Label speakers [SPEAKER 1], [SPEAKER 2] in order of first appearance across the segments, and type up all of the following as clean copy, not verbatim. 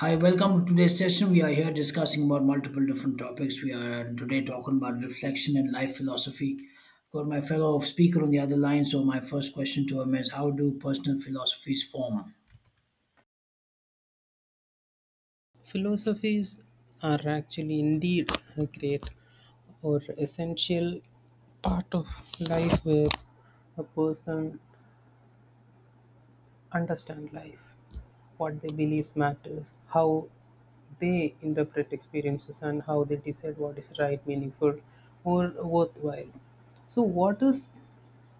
[SPEAKER 1] Hi, welcome to today's session. We are here discussing about multiple different topics. We are today talking about reflection and life philosophy. I've got my fellow speaker on the other line, so my first question to him is how do personal philosophies form?
[SPEAKER 2] Philosophies are actually indeed a great or essential part of life where a person understands life, what they believe matters, how they interpret experiences, and how they decide what is right, meaningful, or worthwhile. So, what is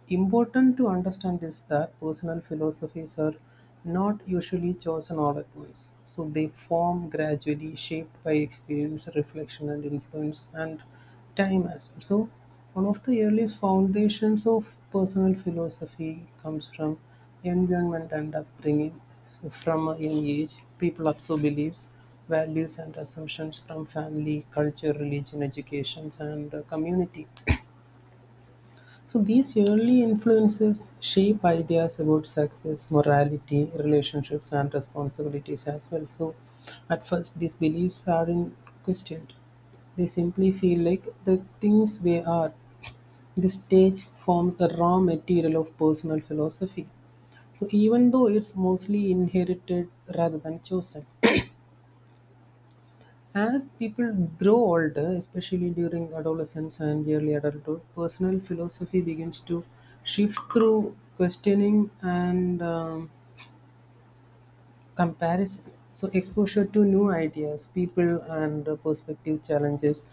[SPEAKER 2] important to understand is that personal philosophies are not usually chosen all at once. So they form gradually, shaped by experience, reflection, and influence, and time as well. So, one of the earliest foundations of personal philosophy comes from environment and upbringing. So from a young age, people absorb beliefs, values, and assumptions from family, culture, religion, education, and community. So these early influences shape ideas about success, morality, relationships, and responsibilities as well. So at first, these beliefs aren't questioned. They simply feel like the things they are. The stage forms the raw material of personal philosophy, so even though it's mostly inherited rather than chosen. As people grow older, especially during adolescence and early adulthood, personal philosophy begins to shift through questioning and comparison. So, exposure to new ideas, people, and perspective challenges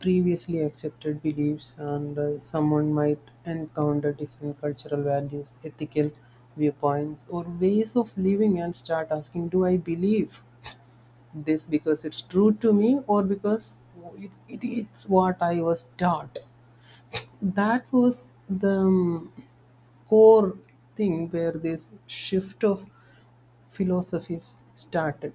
[SPEAKER 2] previously accepted beliefs, and someone might encounter different cultural values, ethical viewpoints, or ways of living and start asking, do I believe this because it's true to me or because it is what I was taught? That was the core thing where this shift of philosophies started.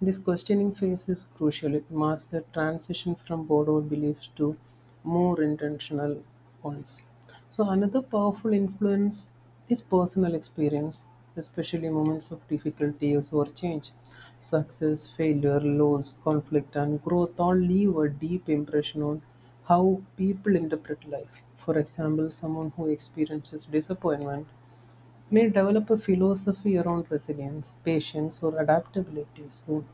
[SPEAKER 2] This questioning phase is crucial. It marks the transition from borrowed beliefs to more intentional ones. So, another powerful influence is personal experience, especially moments of difficulties or change. Success, failure, loss, conflict, and growth all leave a deep impression on how people interpret life. For example, someone who experiences disappointment may develop a philosophy around resilience, patience, or adaptability. So,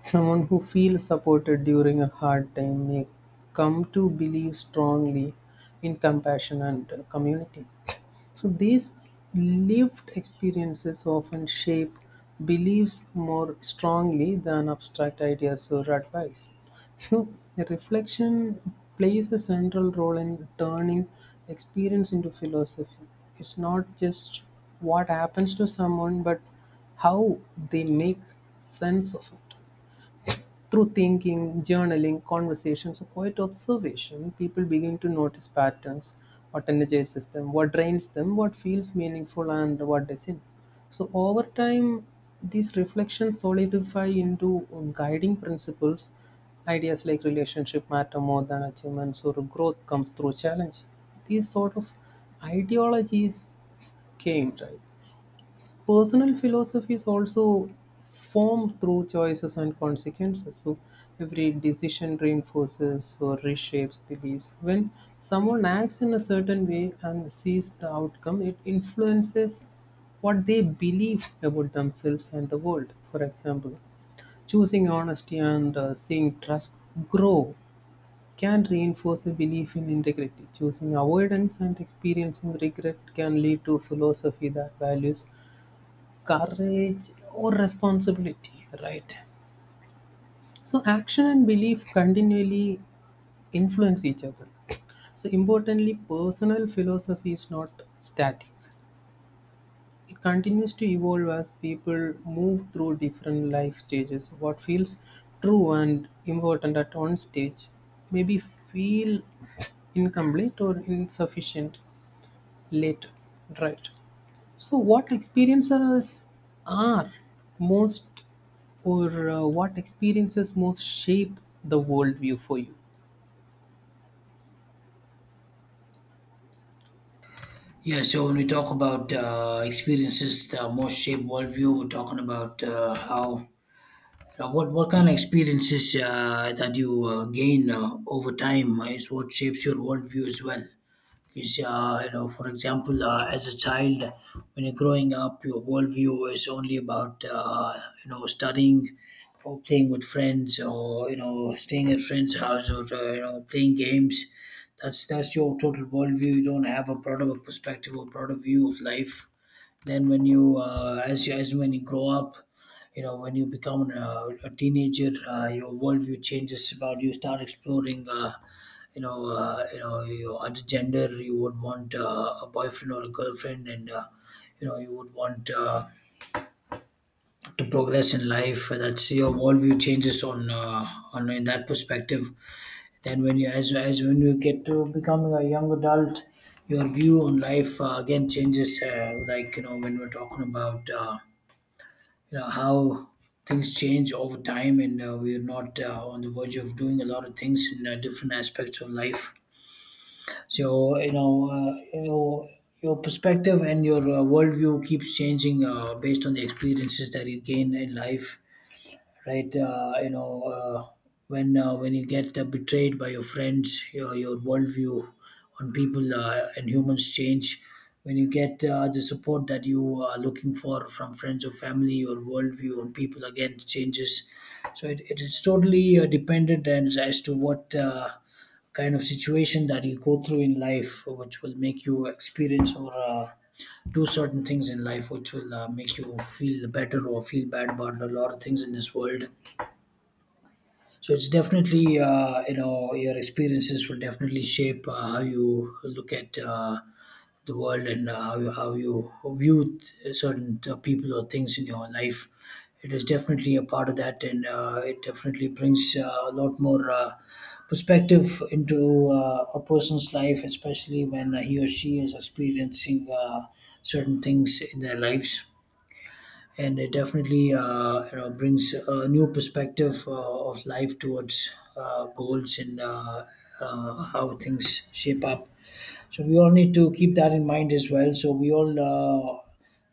[SPEAKER 2] someone who feels supported during a hard time may come to believe strongly in compassion and community. So, these lived experiences often shape beliefs more strongly than abstract ideas or advice. So, the reflection plays a central role in turning experience into philosophy. It's not just what happens to someone, but how they make sense of it. Through thinking, journaling, conversations, or quiet observation, people begin to notice patterns, what energizes them, what drains them, what feels meaningful, and what doesn't. So, over time, these reflections solidify into guiding principles. Ideas like relationship matter more than achievements or growth comes through challenge. These sort of ideologies came, right? Personal philosophy is also formed through choices and consequences. So every decision reinforces or reshapes beliefs. When someone acts in a certain way and sees the outcome, it influences what they believe about themselves and the world. For example, choosing honesty and seeing trust grow can reinforce a belief in integrity. Choosing avoidance and experiencing regret can lead to philosophy that values courage or responsibility, right? So action and belief continually influence each other. So importantly, personal philosophy is not static. It continues to evolve as people move through different life stages. What feels true and important at one stage maybe feel incomplete or insufficient later, right? So, what experiences are most, or what experiences most shape the worldview for you?
[SPEAKER 1] Yeah, so when we talk about experiences that most shape worldview, we're talking about how. What kind of experiences that you gain over time is what shapes your worldview as well. Because, you know, for example, as a child, when you're growing up your worldview is only about, you know, studying or playing with friends, or you know, staying at friends house, or you know, playing games. That's your total worldview. You don't have a broader perspective or broader view of life. Then when you as you as when you grow up, you know, when you become a teenager, your worldview changes. About you start exploring, you know, you know, your other gender, you would want a boyfriend or a girlfriend, and you know, you would want to progress in life. That's your worldview changes on in that perspective. Then when you as when you get to becoming a young adult, your view on life again changes, like you know, when we're talking about you know how things change over time, and we're not on the verge of doing a lot of things in different aspects of life. So you know, you know, your perspective and your worldview keeps changing based on the experiences that you gain in life, right? You know, when you get betrayed by your friends, your worldview on people and humans change. When you get the support that you are looking for from friends or family, your worldview on people again changes. So it is totally dependent as to what kind of situation that you go through in life, which will make you experience or do certain things in life, which will make you feel better or feel bad about a lot of things in this world. So it's definitely, you know, your experiences will definitely shape how you look at the world, and how you view certain people or things in your life. It is definitely a part of that, and it definitely brings a lot more perspective into a person's life, especially when he or she is experiencing certain things in their lives, and it definitely, you know, brings a new perspective of life towards goals, and how things shape up. So we all need to keep that in mind as well. So we all uh,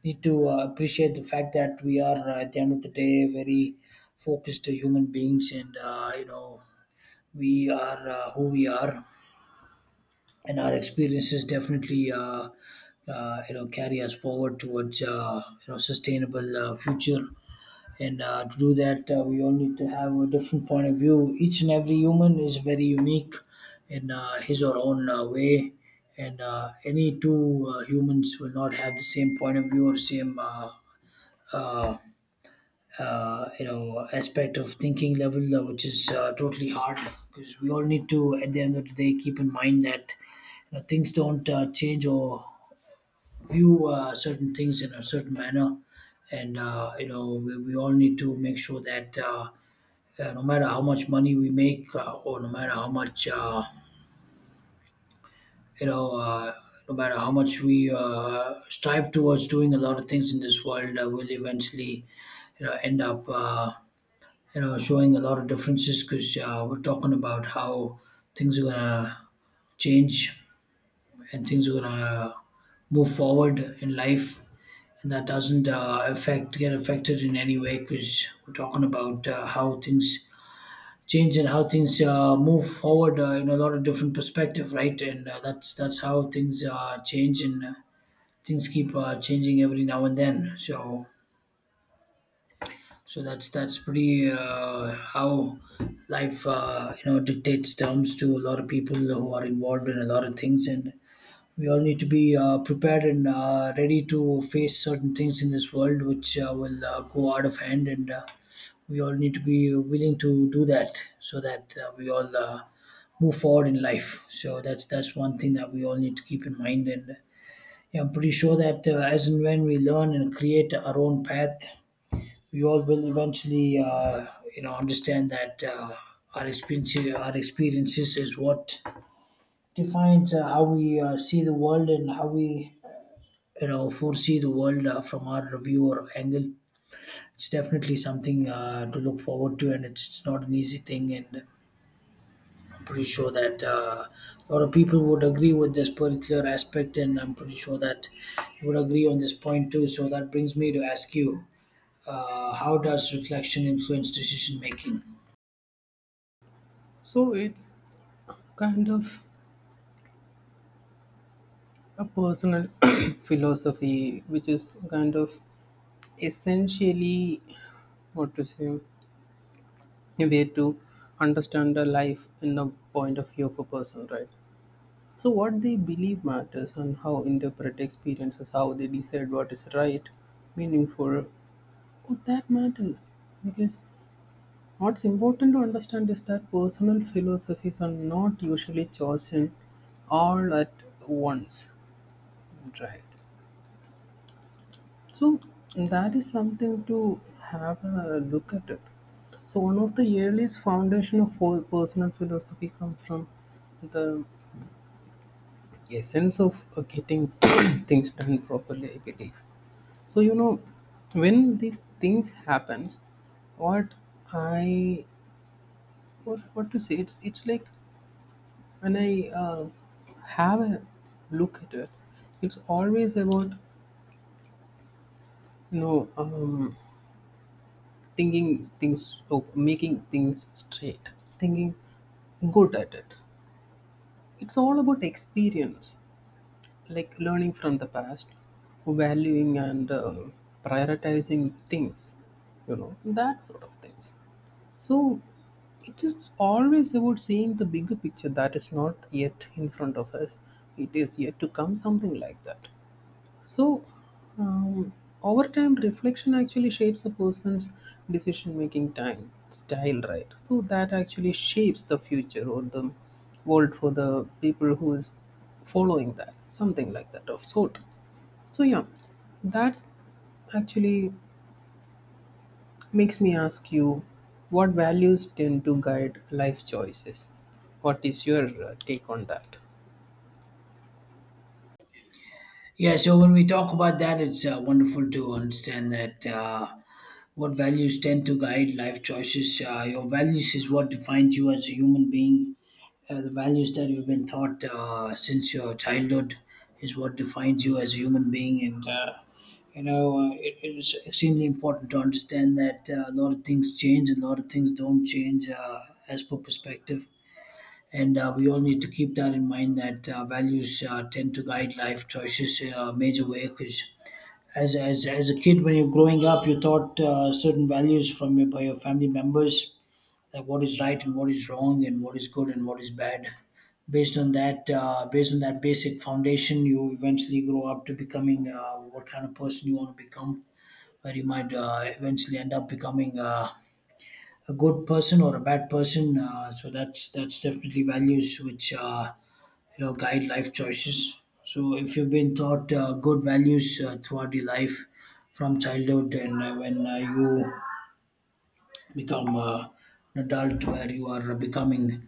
[SPEAKER 1] need to appreciate the fact that we are, at the end of the day, very focused human beings, and you know, we are who we are, and our experiences definitely. You know, carry us forward towards, you know, sustainable future, and to do that, we all need to have a different point of view. Each and every human is very unique in his or own way, and any two humans will not have the same point of view or same, uh, you know, aspect of thinking level, which is totally hard, because we all need to, at the end of the day, keep in mind that you know, things don't change or view certain things in a certain manner, and you know, we all need to make sure that yeah, no matter how much money we make, or no matter how much, you know, no matter how much we strive towards doing a lot of things in this world, we'll eventually, you know, end up, you know, showing a lot of differences, because we're talking about how things are gonna change and things are gonna move forward in life, and that doesn't affect get affected in any way, because we're talking about how things change in how things move forward in a lot of different perspective, right? And that's how things change, and things keep changing every now and then. So that's pretty how life you know, dictates terms to a lot of people who are involved in a lot of things and. We all need to be prepared and ready to face certain things in this world, which will go out of hand, and we all need to be willing to do that, so that we all move forward in life. So that's one thing that we all need to keep in mind. And yeah, I'm pretty sure that as and when we learn and create our own path, we all will eventually, you know, understand that our experiences is what defines how we see the world, and how we, you know, foresee the world from our view or angle. It's definitely something to look forward to, and it's not an easy thing. And I'm pretty sure that a lot of people would agree with this particular aspect, and I'm pretty sure that you would agree on this point too. So that brings me to ask you, how does reflection influence decision making?
[SPEAKER 2] So it's kind of a personal philosophy, which is kind of essentially, what to say, a way to understand the life in the point of view of a person, right? So what they believe matters and how interpret experiences, how they decide what is right, meaningful. Oh, that matters. Because what's important to understand is that personal philosophies are not usually chosen all at once. Right. So that is something to have a look at it. So one of the earliest foundation of whole personal philosophy comes from the essence of getting things done properly, I believe. So you know, when these things happens, what I what to say, it's like when I uh, have a look at it, it's always about, you know, thinking things. Oh, making things straight, thinking good at it. It's all about experience, like learning from the past, valuing and prioritizing things, you know, that sort of things. So it is always about seeing the bigger picture that is not yet in front of us. It is yet to come, something like that. So, um, over time, reflection actually shapes a person's decision making time style, right? So that actually shapes the future or the world for the people who is following that, something like that of sort. So yeah, that actually makes me ask you, what values tend to guide life choices? What is your take on that?
[SPEAKER 1] Yeah, so when we talk about that, it's wonderful to understand that. What values tend to guide life choices? Your values is what defines you as a human being. The values that you've been taught since your childhood is what defines you as a human being. And, you know, it is extremely important to understand that a lot of things change, a lot of things don't change as per perspective. And we all need to keep that in mind, that values tend to guide life choices in a major way, because as a kid, when you're growing up, you're taught certain values from by your family members, like what is right and what is wrong, and what is good and what is bad. Based on that, basic foundation, you eventually grow up to becoming what kind of person you want to become. Where you might eventually end up becoming a good person or a bad person. So that's definitely values which. You know, guide life choices. So if you've been taught good values throughout your life from childhood, and when you become an adult, where you are becoming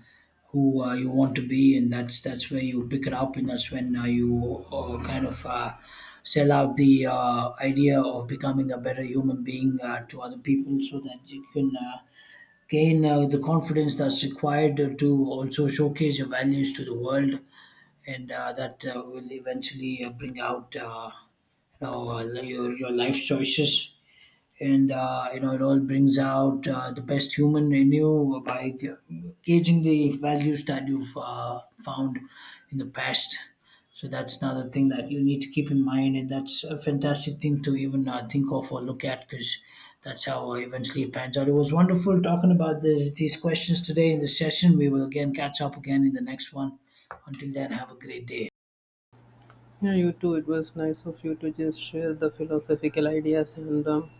[SPEAKER 1] who you want to be, and that's where you pick it up, and that's when you kind of sell out the idea of becoming a better human being to other people, so that you can gain the confidence that's required to also showcase your values to the world, and that will eventually bring out, you know, your life choices, and you know, it all brings out the best human in you by gauging the values that you've found in the past. So that's another thing that you need to keep in mind, and that's a fantastic thing to even think of or look at, because that's how eventually it pans out. It was wonderful talking about these questions today in this session. We will again catch up again in the next one. Until then, have a great day.
[SPEAKER 2] Yeah, you too. It was nice of you to just share the philosophical ideas and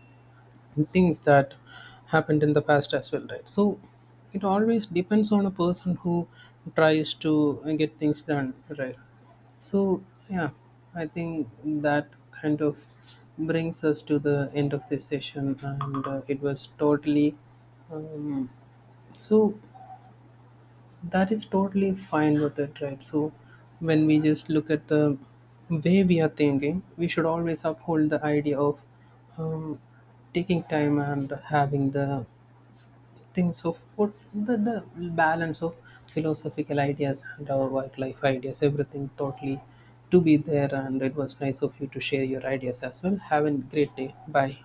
[SPEAKER 2] things that happened in the past as well, right? So it always depends on a person who tries to get things done, right? So, yeah, I think that kind of brings us to the end of this session, and it was totally um, so that is totally fine with it, right? So when we just look at the way we are thinking, we should always uphold the idea of um, taking time and having the things of what the balance of philosophical ideas and our work life ideas, everything totally to be there. And it was nice of you to share your ideas as well. Have a great day. Bye.